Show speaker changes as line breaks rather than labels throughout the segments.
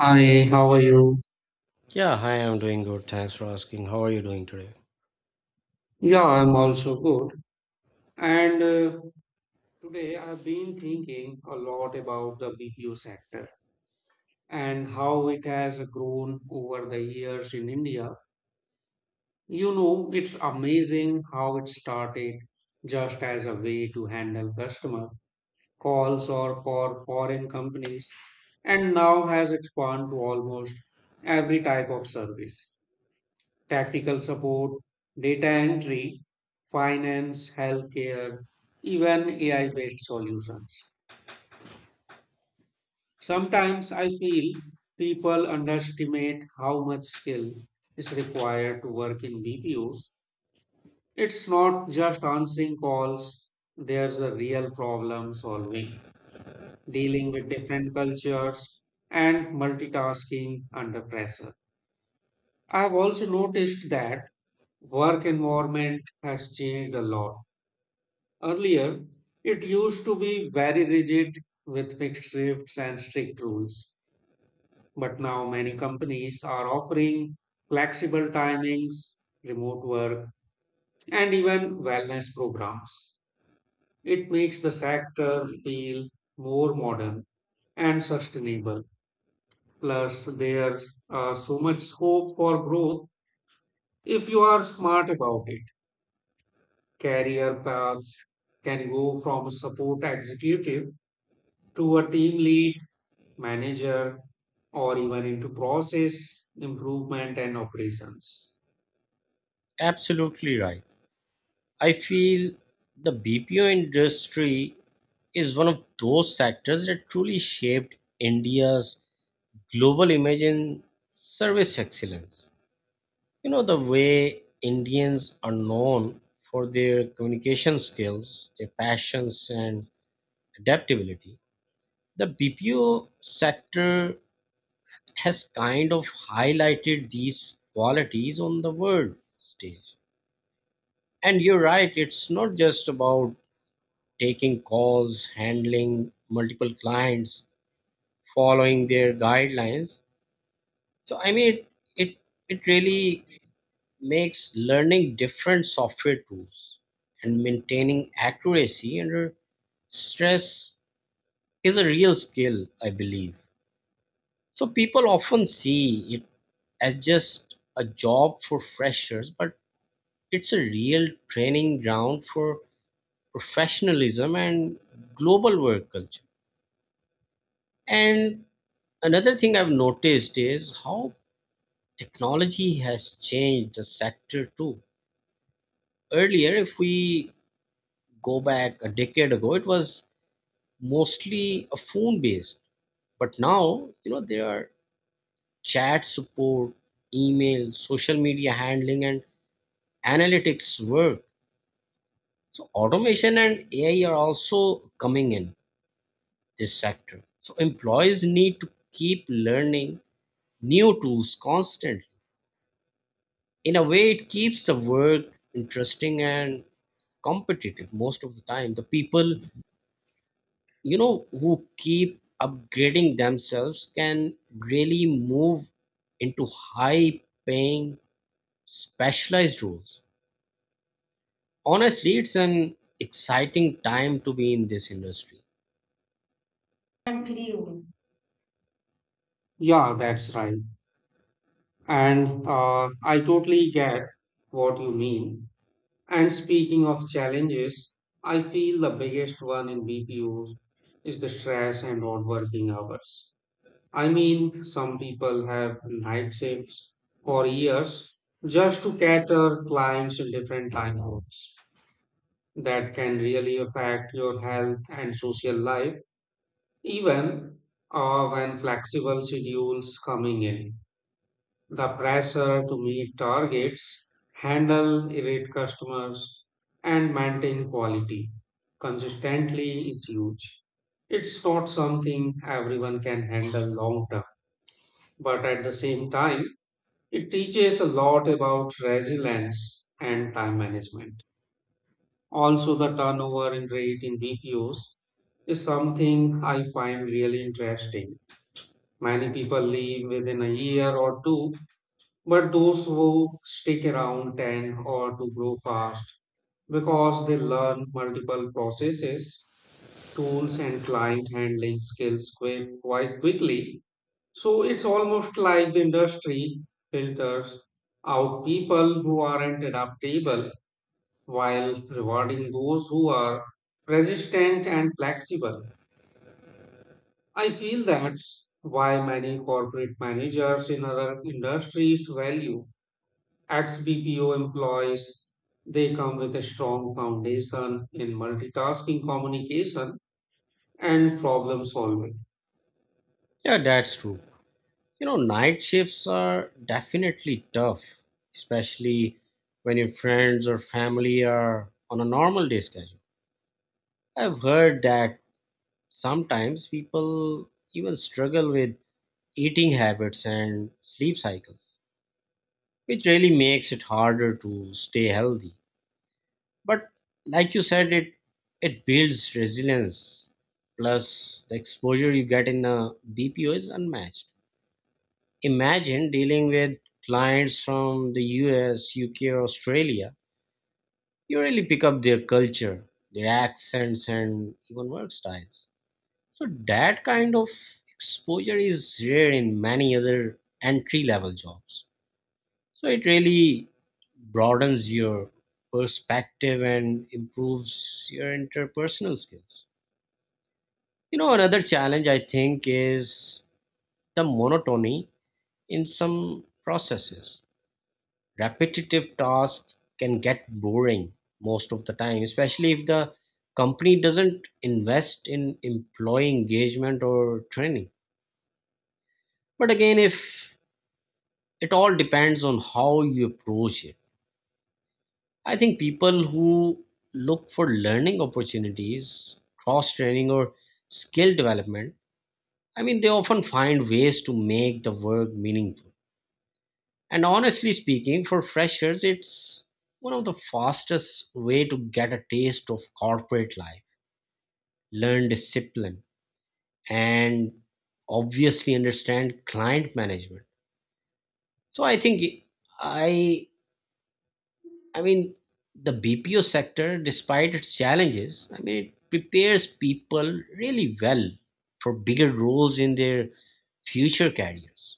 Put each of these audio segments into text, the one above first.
Hi, how are you?
Yeah, hi, I'm doing good. Thanks for asking. How are you doing today?
Yeah, I'm also good. And Today I've been thinking a lot about the BPO sector and how it has grown over the years in India. You know, it's amazing how it started just as a way to handle customer calls or for foreign companies and now has expanded to almost every type of service. Tactical support, data entry, finance, healthcare, even AI based solutions. Sometimes I feel people underestimate how much skill is required to work in BPOs. It's not just answering calls, there's a real problem solving, dealing with different cultures, and multitasking under pressure. I've also noticed that work environment has changed a lot. Earlier, it used to be very rigid with fixed shifts and strict rules, but now many companies are offering flexible timings, remote work, and even wellness programs. It makes the sector feel more modern and sustainable. Plus, there's so much scope for growth if you are smart about it. Career paths can go from a support executive to a team lead manager, or even into process improvement and operations.
Absolutely right. I feel the BPO industry is one of those sectors that truly shaped India's global image in service excellence. You know, the way Indians are known for their communication skills, their passions, and adaptability, the BPO sector has kind of highlighted these qualities on the world stage. And you're right, it's not just about taking calls, handling multiple clients, following their guidelines. So I mean it it, it really makes learning different software tools and maintaining accuracy under stress is a real skill, I believe. So people often see it as just a job for freshers, but it's a real training ground for professionalism and global work culture. And another thing I've noticed is how technology has changed the sector too. Earlier, if we go back a decade ago, it was mostly a phone based. But now, you know, there are chat support, email, social media handling, and analytics work. So, automation and AI are also coming in this sector. So, employees need to keep learning new tools constantly. In a way, it keeps the work interesting and competitive most of the time. The people, you know, who keep upgrading themselves can really move into high paying specialized roles. Honestly, it's an exciting time to be in this industry.
Unbelievable. Yeah, that's right. And I totally get what you mean. And speaking of challenges, I feel the biggest one in BPOs is the stress and odd working hours. I mean, some people have night shifts for years just to cater clients in different time zones. That can really affect your health and social life, even when flexible schedules coming in. The pressure to meet targets, handle irate customers, and maintain quality consistently is huge. It's not something everyone can handle long term, but at the same time, it teaches a lot about resilience and time management. Also, the turnover in rate in BPOs is something I find really interesting. Many people leave within a year or two, but those who stick around tend or to grow fast because they learn multiple processes, tools, and client handling skills quite quickly. So it's almost like the industry filters out people who aren't adaptable while rewarding those who are resistant and flexible. I feel that's why many corporate managers in other industries value ex BPO employees. They come with a strong foundation in multitasking communication and problem solving.
Yeah, that's true. You know, night shifts are definitely tough, especially when your friends or family are on a normal day schedule. I've heard that sometimes people even struggle with eating habits and sleep cycles, which really makes it harder to stay healthy. But like you said, it builds resilience. Plus, the exposure you get in a BPO is unmatched. Imagine dealing with clients from the US, UK, or Australia. You really pick up their culture, their accents, and even work styles. So, that kind of exposure is rare in many other entry level jobs. So, it really broadens your perspective and improves your interpersonal skills. You know, another challenge I think is the monotony in some processes. Repetitive tasks can get boring most of the time, especially if the company doesn't invest in employee engagement or training. But again, if it all depends on how you approach it. I think people who look for learning opportunities, cross training, or skill development, I mean, they often find ways to make the work meaningful. And honestly speaking, for freshers, it's one of the fastest way to get a taste of corporate life, learn discipline, and obviously understand client management. So I think I I mean the BPO sector, despite its challenges, I mean it prepares people really well for bigger roles in their future careers.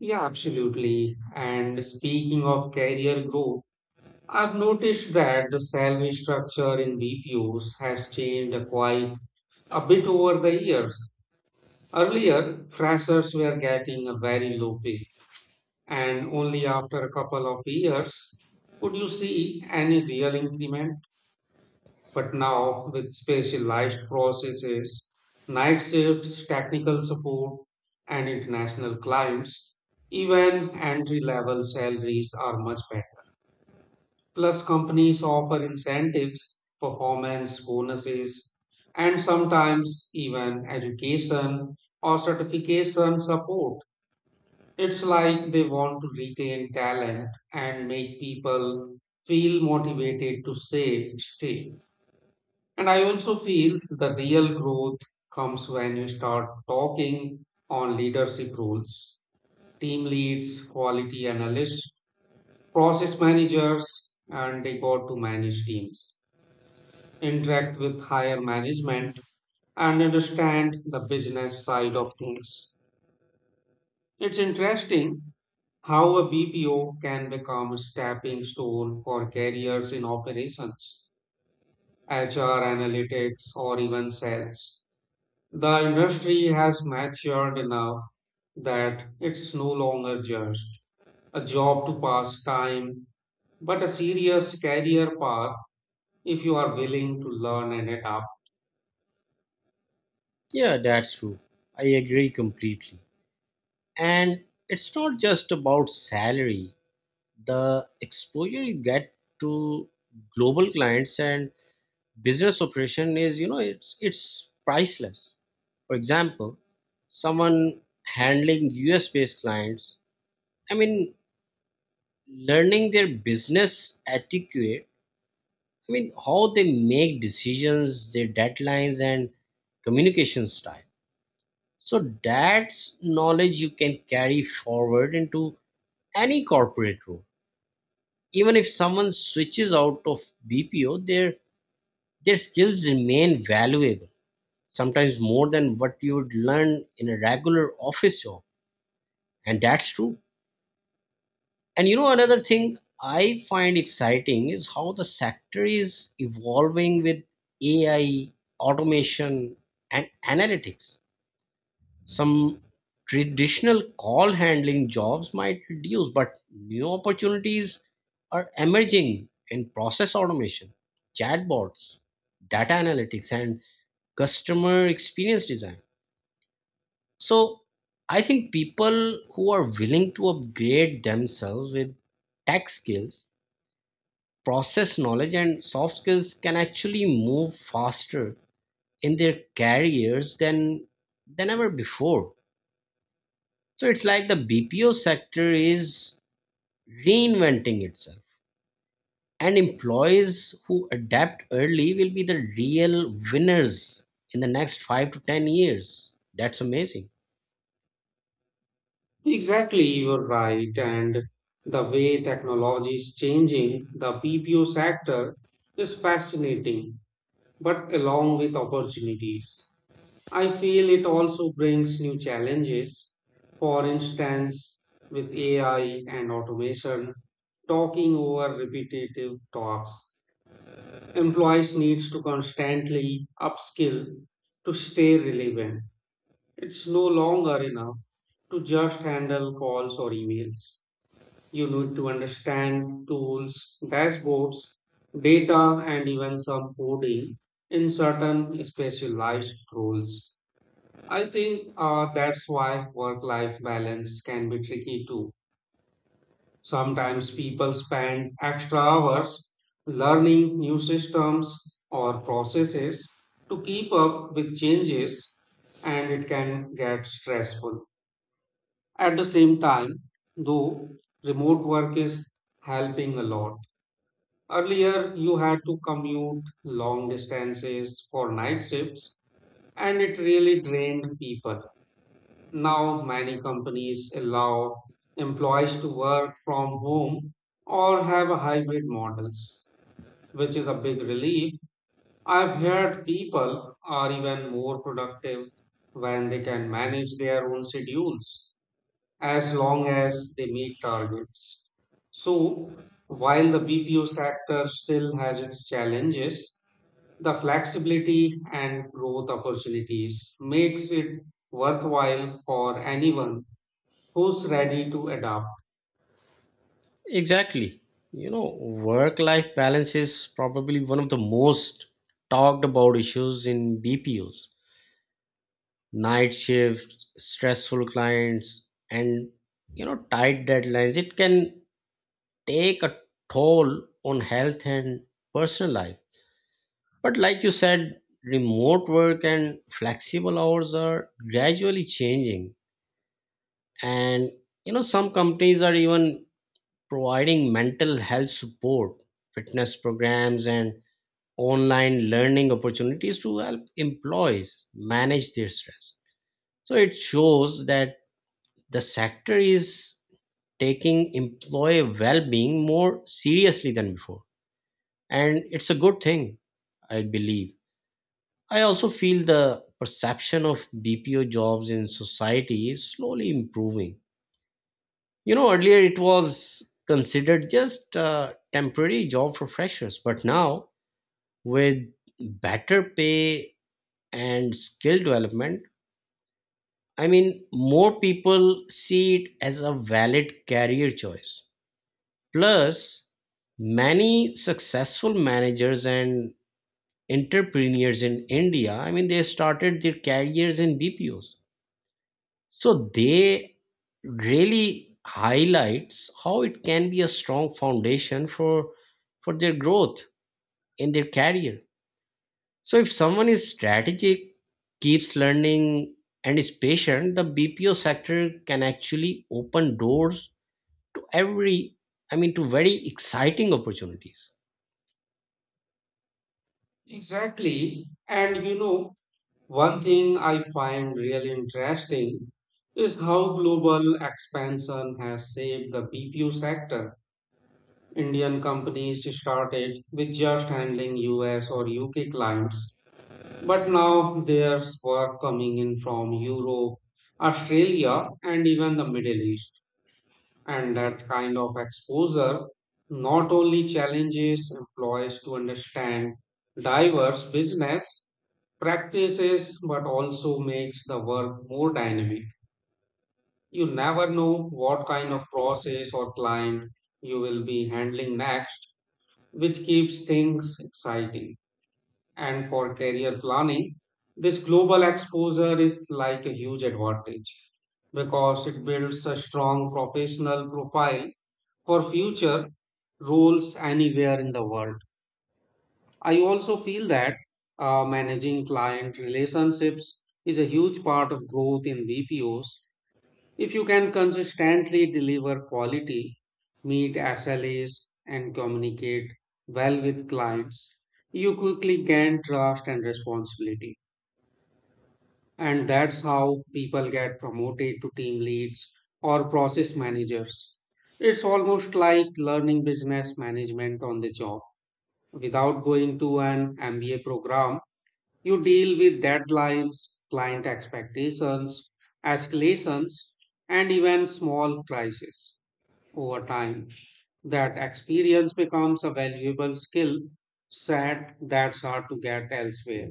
Yeah, absolutely. And speaking of career growth, I've noticed that the salary structure in BPOs has changed quite a bit over the years. Earlier, freshers were getting a very low pay and only after a couple of years could you see any real increment. But now, with specialized processes, night shifts, technical support, and international clients, even entry level salaries are much better. Plus, companies offer incentives, performance bonuses, and sometimes even education or certification support. It's like they want to retain talent and make people feel motivated to say, stay. And I also feel the real growth comes when you start talking on leadership roles, team leads, quality analysts, process managers, and they got to manage teams, interact with higher management, and understand the business side of things. It's interesting how a BPO can become a stepping stone for careers in operations, HR analytics, or even sales. The industry has matured enough that it's no longer just a job to pass time, but a serious career path if you are willing to learn and adapt.
Yeah, that's true. I agree completely. And it's not just about salary, the exposure you get to global clients and business operation is, you know, it's priceless. For example, someone handling us based clients, I mean, learning their business etiquette, I mean how they make decisions, their deadlines and communication style. So that's knowledge you can carry forward into any corporate role even if someone switches out of BPO, their skills remain valuable, sometimes more than what you would learn in a regular office job. And that's true. And you know, another thing I find exciting is how the sector is evolving with AI, automation, and analytics. Some traditional call handling jobs might reduce, but new opportunities are emerging in process automation, chatbots, data analytics, and customer experience design. So, I think people who are willing to upgrade themselves with tech skills, process knowledge, and soft skills can actually move faster in their careers than ever before. So it's like the BPO sector is reinventing itself, and employees who adapt early will be the real winners in the next five to 10 years. That's amazing.
Exactly, you're right. And the way technology is changing the BPO sector is fascinating. But along with opportunities, I feel it also brings new challenges. For instance, with AI and automation, talking over repetitive tasks, employees needs to constantly upskill to stay relevant. It's no longer enough to just handle calls or emails. You need to understand tools, dashboards, data, and even some coding in certain specialized roles. I think that's why work life balance can be tricky too. Sometimes people spend extra hours learning new systems or processes to keep up with changes, and it can get stressful. At the same time, though, remote work is helping a lot. Earlier, you had to commute long distances for night shifts, and it really drained people. Now, many companies allow employees to work from home or have a hybrid models, which is a big relief. I've heard people are even more productive when they can manage their own schedules as long as they meet targets. So, while the BPO sector still has its challenges, the flexibility and growth opportunities makes it worthwhile for anyone who's ready to adapt.
Exactly. You know, work life balance is probably one of the most talked about issues in BPOs. Night shifts, stressful clients, and you know, tight deadlines. It can take a toll on health and personal life. But like you said, remote work and flexible hours are gradually changing. And you know, some companies are even providing mental health support, fitness programs, and online learning opportunities to help employees manage their stress. So it shows that the sector is taking employee well being more seriously than before. And it's a good thing, I believe. I also feel the perception of BPO jobs in society is slowly improving. You know, earlier it was considered just a temporary job for freshers, but now with better pay and skill development, I mean, more people see it as a valid career choice. Plus, many successful managers and entrepreneurs in India, I mean, they started their careers in BPOs. So they really highlights how it can be a strong foundation for their growth in their career. So if someone is strategic, keeps learning and is patient, the BPO sector can actually open doors to every I mean to very exciting opportunities.
Exactly. And you know, one thing I find really interesting is how global expansion has shaped the BPO sector. Indian companies started with just handling US or UK clients, but now there's work coming in from Europe, Australia, and even the Middle East. And that kind of exposure not only challenges employees to understand diverse business practices, but also makes the work more dynamic. You never know what kind of process or client you will be handling next, which keeps things exciting. And for career planning, this global exposure is like a huge advantage because it builds a strong professional profile for future roles anywhere in the world. I also feel that managing client relationships is a huge part of growth in BPOs. If you can consistently deliver quality, meet SLAs, and communicate well with clients, you quickly gain trust and responsibility. And that's how people get promoted to team leads or process managers. It's almost like learning business management on the job. Without going to an MBA program, you deal with deadlines, client expectations, escalations, and even small crises over time, that experience becomes a valuable skill set that's hard to get elsewhere,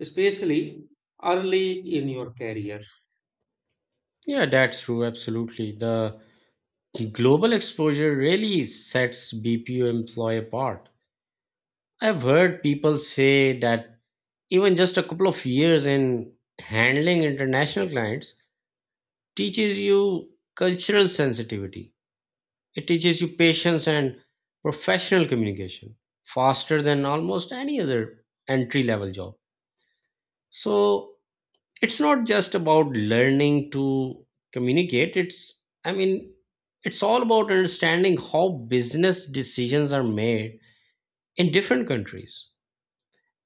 especially early in your career.
Yeah, that's true. Absolutely. The global exposure really sets BPO employee apart. I've heard people say that even just a couple of years in handling international clients teaches you cultural sensitivity. It teaches you patience and professional communication faster than almost any other entry level job. So it's not just about learning to communicate, it's, I mean, it's all about understanding how business decisions are made in different countries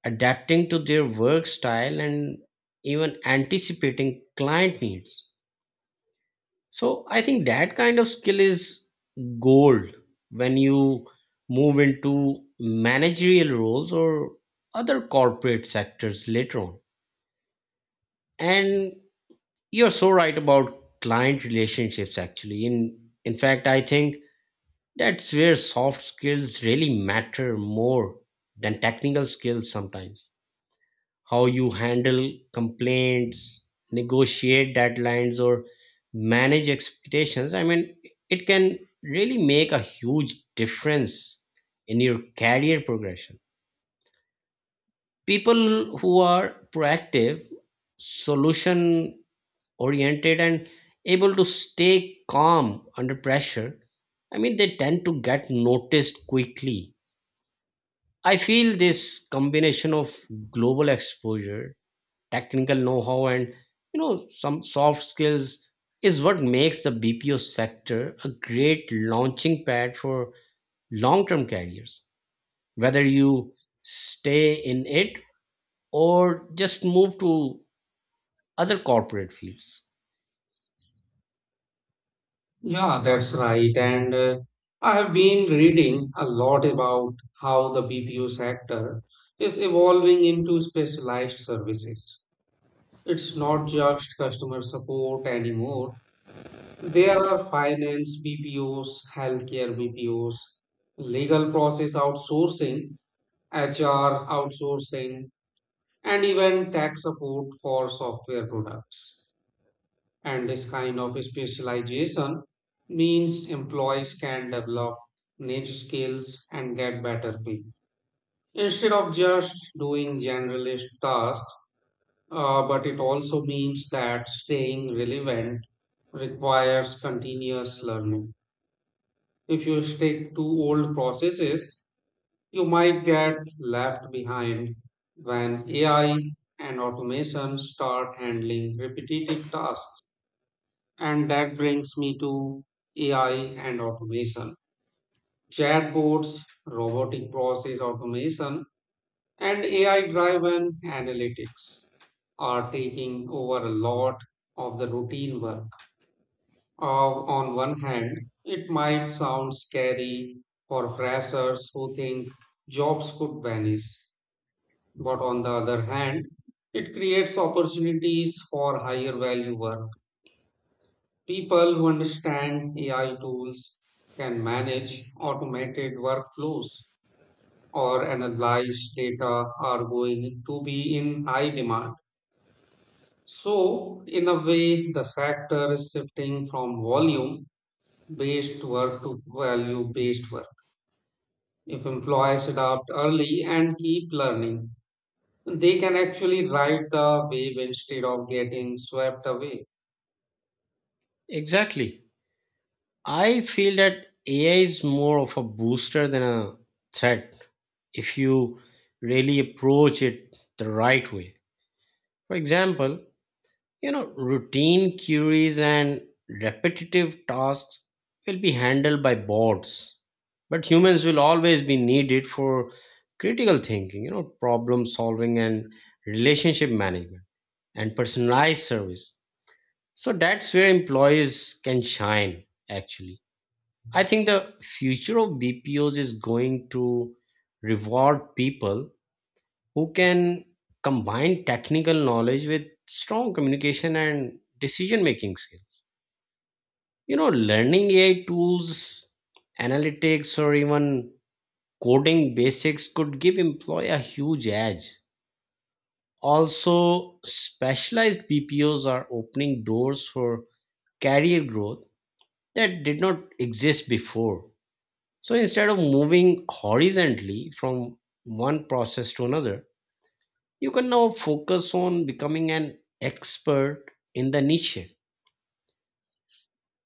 adapting to their work style and even anticipating client needs. So I think that kind of skill is gold when you move into managerial roles or other corporate sectors later on. And you're so right about client relationships actually. In fact, I think that's where soft skills really matter more than technical skills sometimes. How you handle complaints, negotiate deadlines, or manage expectations. I mean, it can really make a huge difference in your career progression. People who are proactive, solution oriented, and able to stay calm under pressure, I mean, they tend to get noticed quickly. I feel this combination of global exposure, technical know-how and you know some soft skills is what makes the BPO sector a great launching pad for long-term careers. Whether you stay in it or just move to other corporate fields.
Yeah, that's right. And I have been reading a lot about how the BPO sector is evolving into specialized services. It's not just customer support anymore. There are finance BPOs, healthcare BPOs, legal process outsourcing, HR, outsourcing, and even tech support for software products. And this kind of specialization means employees can develop niche skills and get better pay instead of just doing generalist tasks. But it also means that staying relevant requires continuous learning. If you stick to old processes, you might get left behind when AI and automation start handling repetitive tasks. And that brings me to AI and automation. Chatbots, robotic process automation, and AI driven analytics are taking over a lot of the routine work. Uh, on one hand, it might sound scary for freshers who think jobs could vanish. But on the other hand, it creates opportunities for higher value work. People who understand AI tools can manage automated workflows or analyze data are going to be in high demand. So, in a way, the sector is shifting from volume based work to value based work. If employees adopt early and keep learning, they can actually ride the wave instead of getting swept away.
Exactly. I feel that AI is more of a booster than a threat if you really approach it the right way. For example, you know, routine queries and repetitive tasks will be handled by bots, but humans will always be needed for critical thinking, you know, problem solving and relationship management and personalized service. So that's where employees can shine, actually. I think the future of BPOs is going to reward people who can combine technical knowledge with strong communication and decision making skills. You know, learning AI tools, analytics, or even coding basics could give employee a huge edge. Also, specialized BPOs are opening doors for career growth that did not exist before. So instead of moving horizontally from one process to another, you can now focus on becoming an expert in the niche,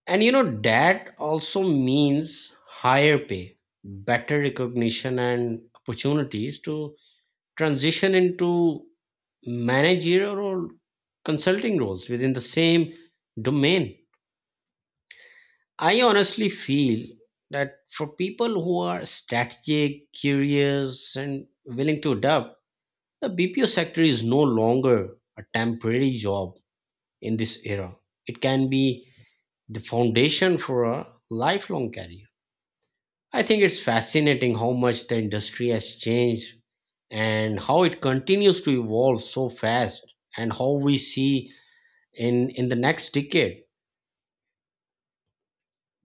and you know that also means higher pay, better recognition and opportunities to transition into managerial or consulting roles within the same domain. I honestly feel that for people who are strategic, curious and willing to adapt, the BPO sector is no longer a temporary job in this era. It can be the foundation for a lifelong career. I think it's fascinating how much the industry has changed and how it continues to evolve so fast and how we see in the next decade.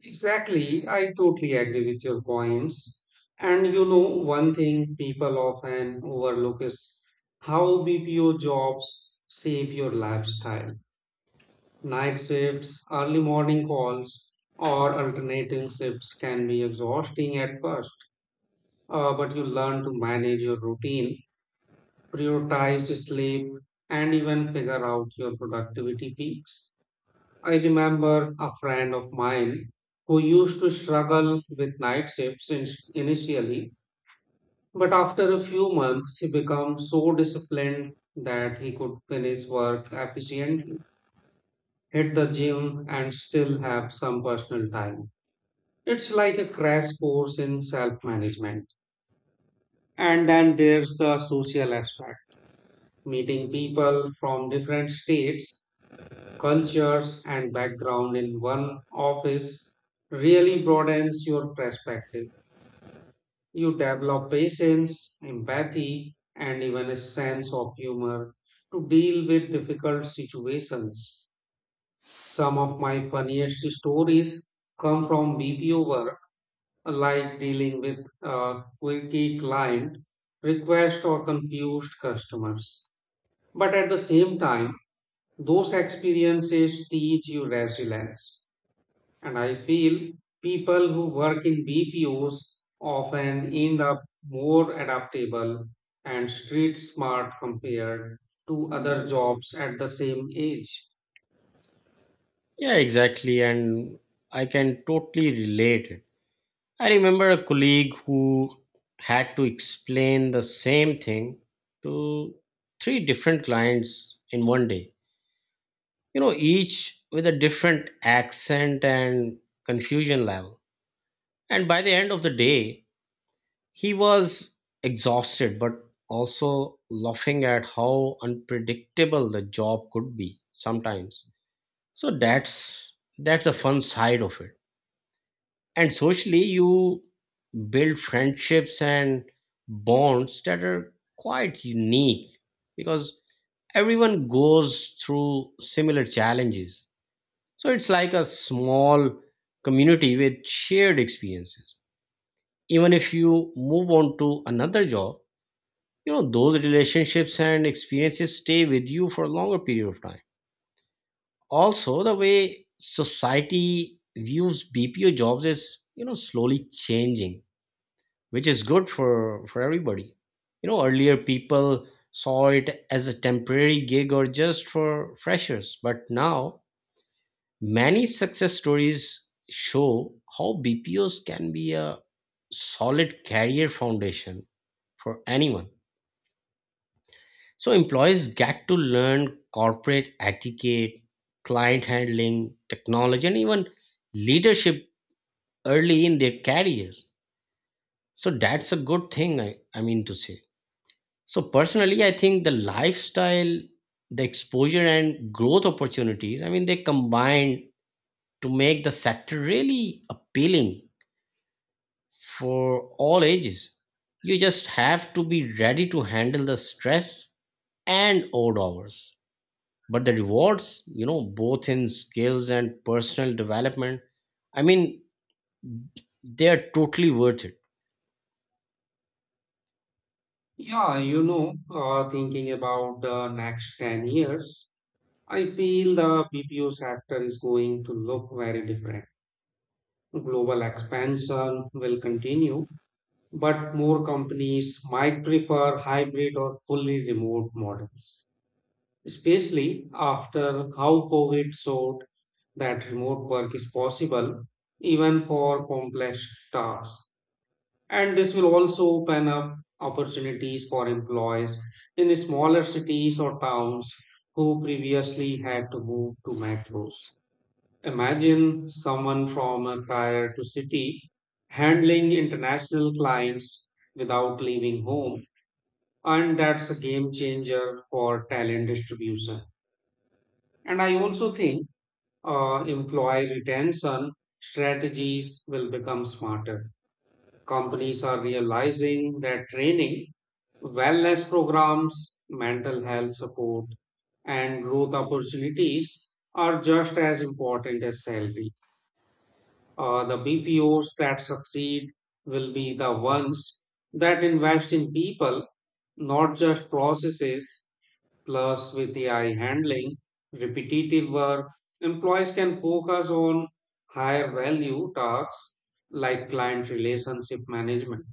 Exactly, I totally agree with your points. And you know, one thing people often overlook is how BPO jobs shape your lifestyle. Night shifts, early morning calls, or alternating shifts can be exhausting at first, but you learn to manage your routine, prioritize sleep, and even figure out your productivity peaks. I remember a friend of mine who used to struggle with night shifts initially, but after a few months, he became so disciplined that he could finish work efficiently, hit the gym, and still have some personal time. It's like a crash course in self management. And then there's the social aspect, meeting people from different states cultures, and background in one office really broadens your perspective. You develop patience, empathy, and even a sense of humor to deal with difficult situations. Some of my funniest stories come from BPO work, like dealing with a quirky client, request, or confused customers. But at the same time, those experiences teach you resilience. And I feel people who work in BPOs often end up more adaptable and street smart compared to other jobs at the same age.
Yeah, exactly, and I can totally relate it. I remember a colleague who had to explain the same thing to three different clients in one day, you know, each with a different accent and confusion level, and by the end of the day he was exhausted but also laughing at how unpredictable the job could be sometimes. So that's a fun side of it. And socially you build friendships and bonds that are quite unique because everyone goes through similar challenges. So it's like a small community with shared experiences. Even if you move on to another job, you know, those relationships and experiences stay with you for a longer period of time. Also, the way society views BPO jobs is, you know, slowly changing, which is good for everybody. You know, earlier people saw it as a temporary gig or just for freshers, but now many success stories show how BPOs can be a solid career foundation for anyone. So employees get to learn corporate etiquette, client handling, technology, and even leadership early in their careers. So that's a good thing, I mean to say. So personally, I think the lifestyle, the exposure and growth opportunities, I mean, they combine to make the sector really appealing for all ages. You just have to be ready to handle the stress and odd hours. But the rewards, you know, both in skills and personal development, I mean, they are totally worth it.
Yeah, you know, thinking about the next 10 years, I feel the BPO sector is going to look very different. Global expansion will continue, but more companies might prefer hybrid or fully remote models especially after how COVID showed that remote work is possible even for complex tasks. And this will also open up opportunities for employees in smaller cities or towns who previously had to move to metros. Imagine someone from a tier to city handling international clients without leaving home, and that's a game changer for talent distribution. And I also think employee retention strategies will become smarter. Companies are realizing that training, wellness programs, mental health support, and growth opportunities are just as important as salary. The BPOs that succeed will be the ones that invest in people, not just processes. Plus, with AI handling repetitive work, employees can focus on higher value tasks like client relationship management,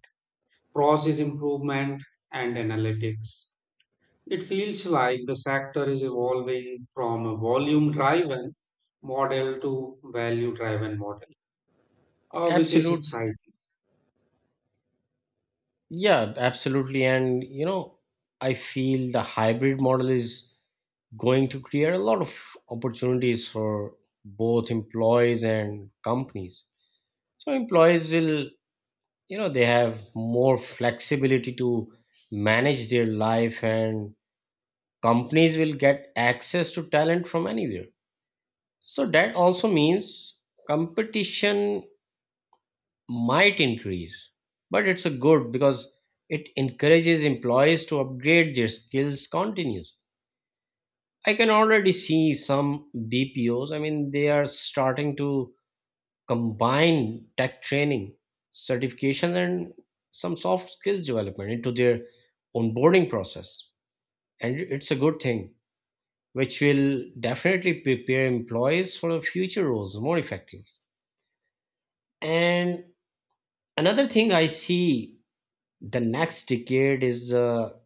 process improvement, and analytics. It feels like the sector is evolving from a volume driven model to value driven model, which is
Absolutely.
exciting.
Yeah, absolutely. And, you know, I feel the hybrid model is going to create a lot of opportunities for both employees and companies. So employees will, you know, they have more flexibility to manage their life and companies will get access to talent from anywhere. So that also means competition might increase, but it's a good because it encourages employees to upgrade their skills continuously. I can already see some BPOs, I mean, they are starting to combine tech training, certification, and some soft skills development into their onboarding process. And it's a good thing, which will definitely prepare employees for the future roles more effectively. And another thing I see the next decade is the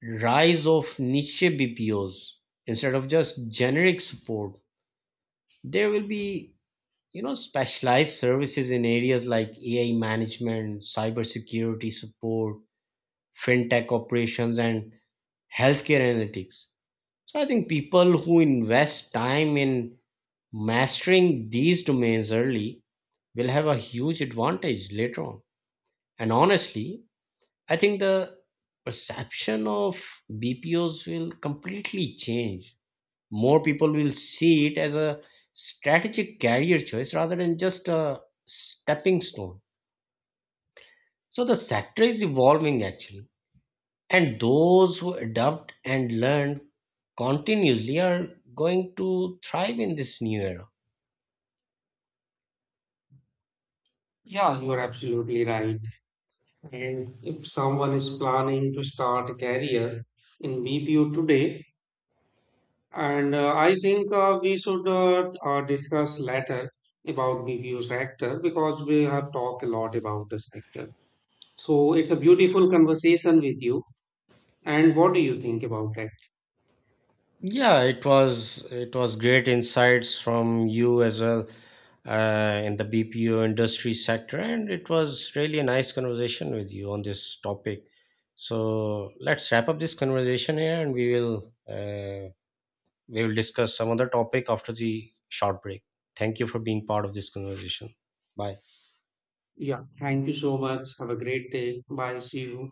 rise of niche BPOs instead of just generic support. There will be, you know, specialized services in areas like AI management, cybersecurity support, fintech operations and healthcare analytics. So I think people who invest time in mastering these domains early will have a huge advantage later on. And honestly, I think the perception of BPOs will completely change. More people will see it as a strategic career choice rather than just a stepping stone. So the sector is evolving actually, and those who adapt and learn continuously are going to thrive in this new era.
Yeah, you are absolutely right. And if someone is planning to start a career in BPO today, And I think we should discuss later about BBU sector because we have talked a lot about the sector. So it's a beautiful conversation with you. And what do you think about it?
Yeah, it was great insights from you as well in the BPO industry sector, and it was really a nice conversation with you on this topic. So let's wrap up this conversation here, and uh, we will discuss some other topic after the short break. Thank you for being part of this conversation. Bye.
Yeah, thank you so much. Have a great day. Bye. See you.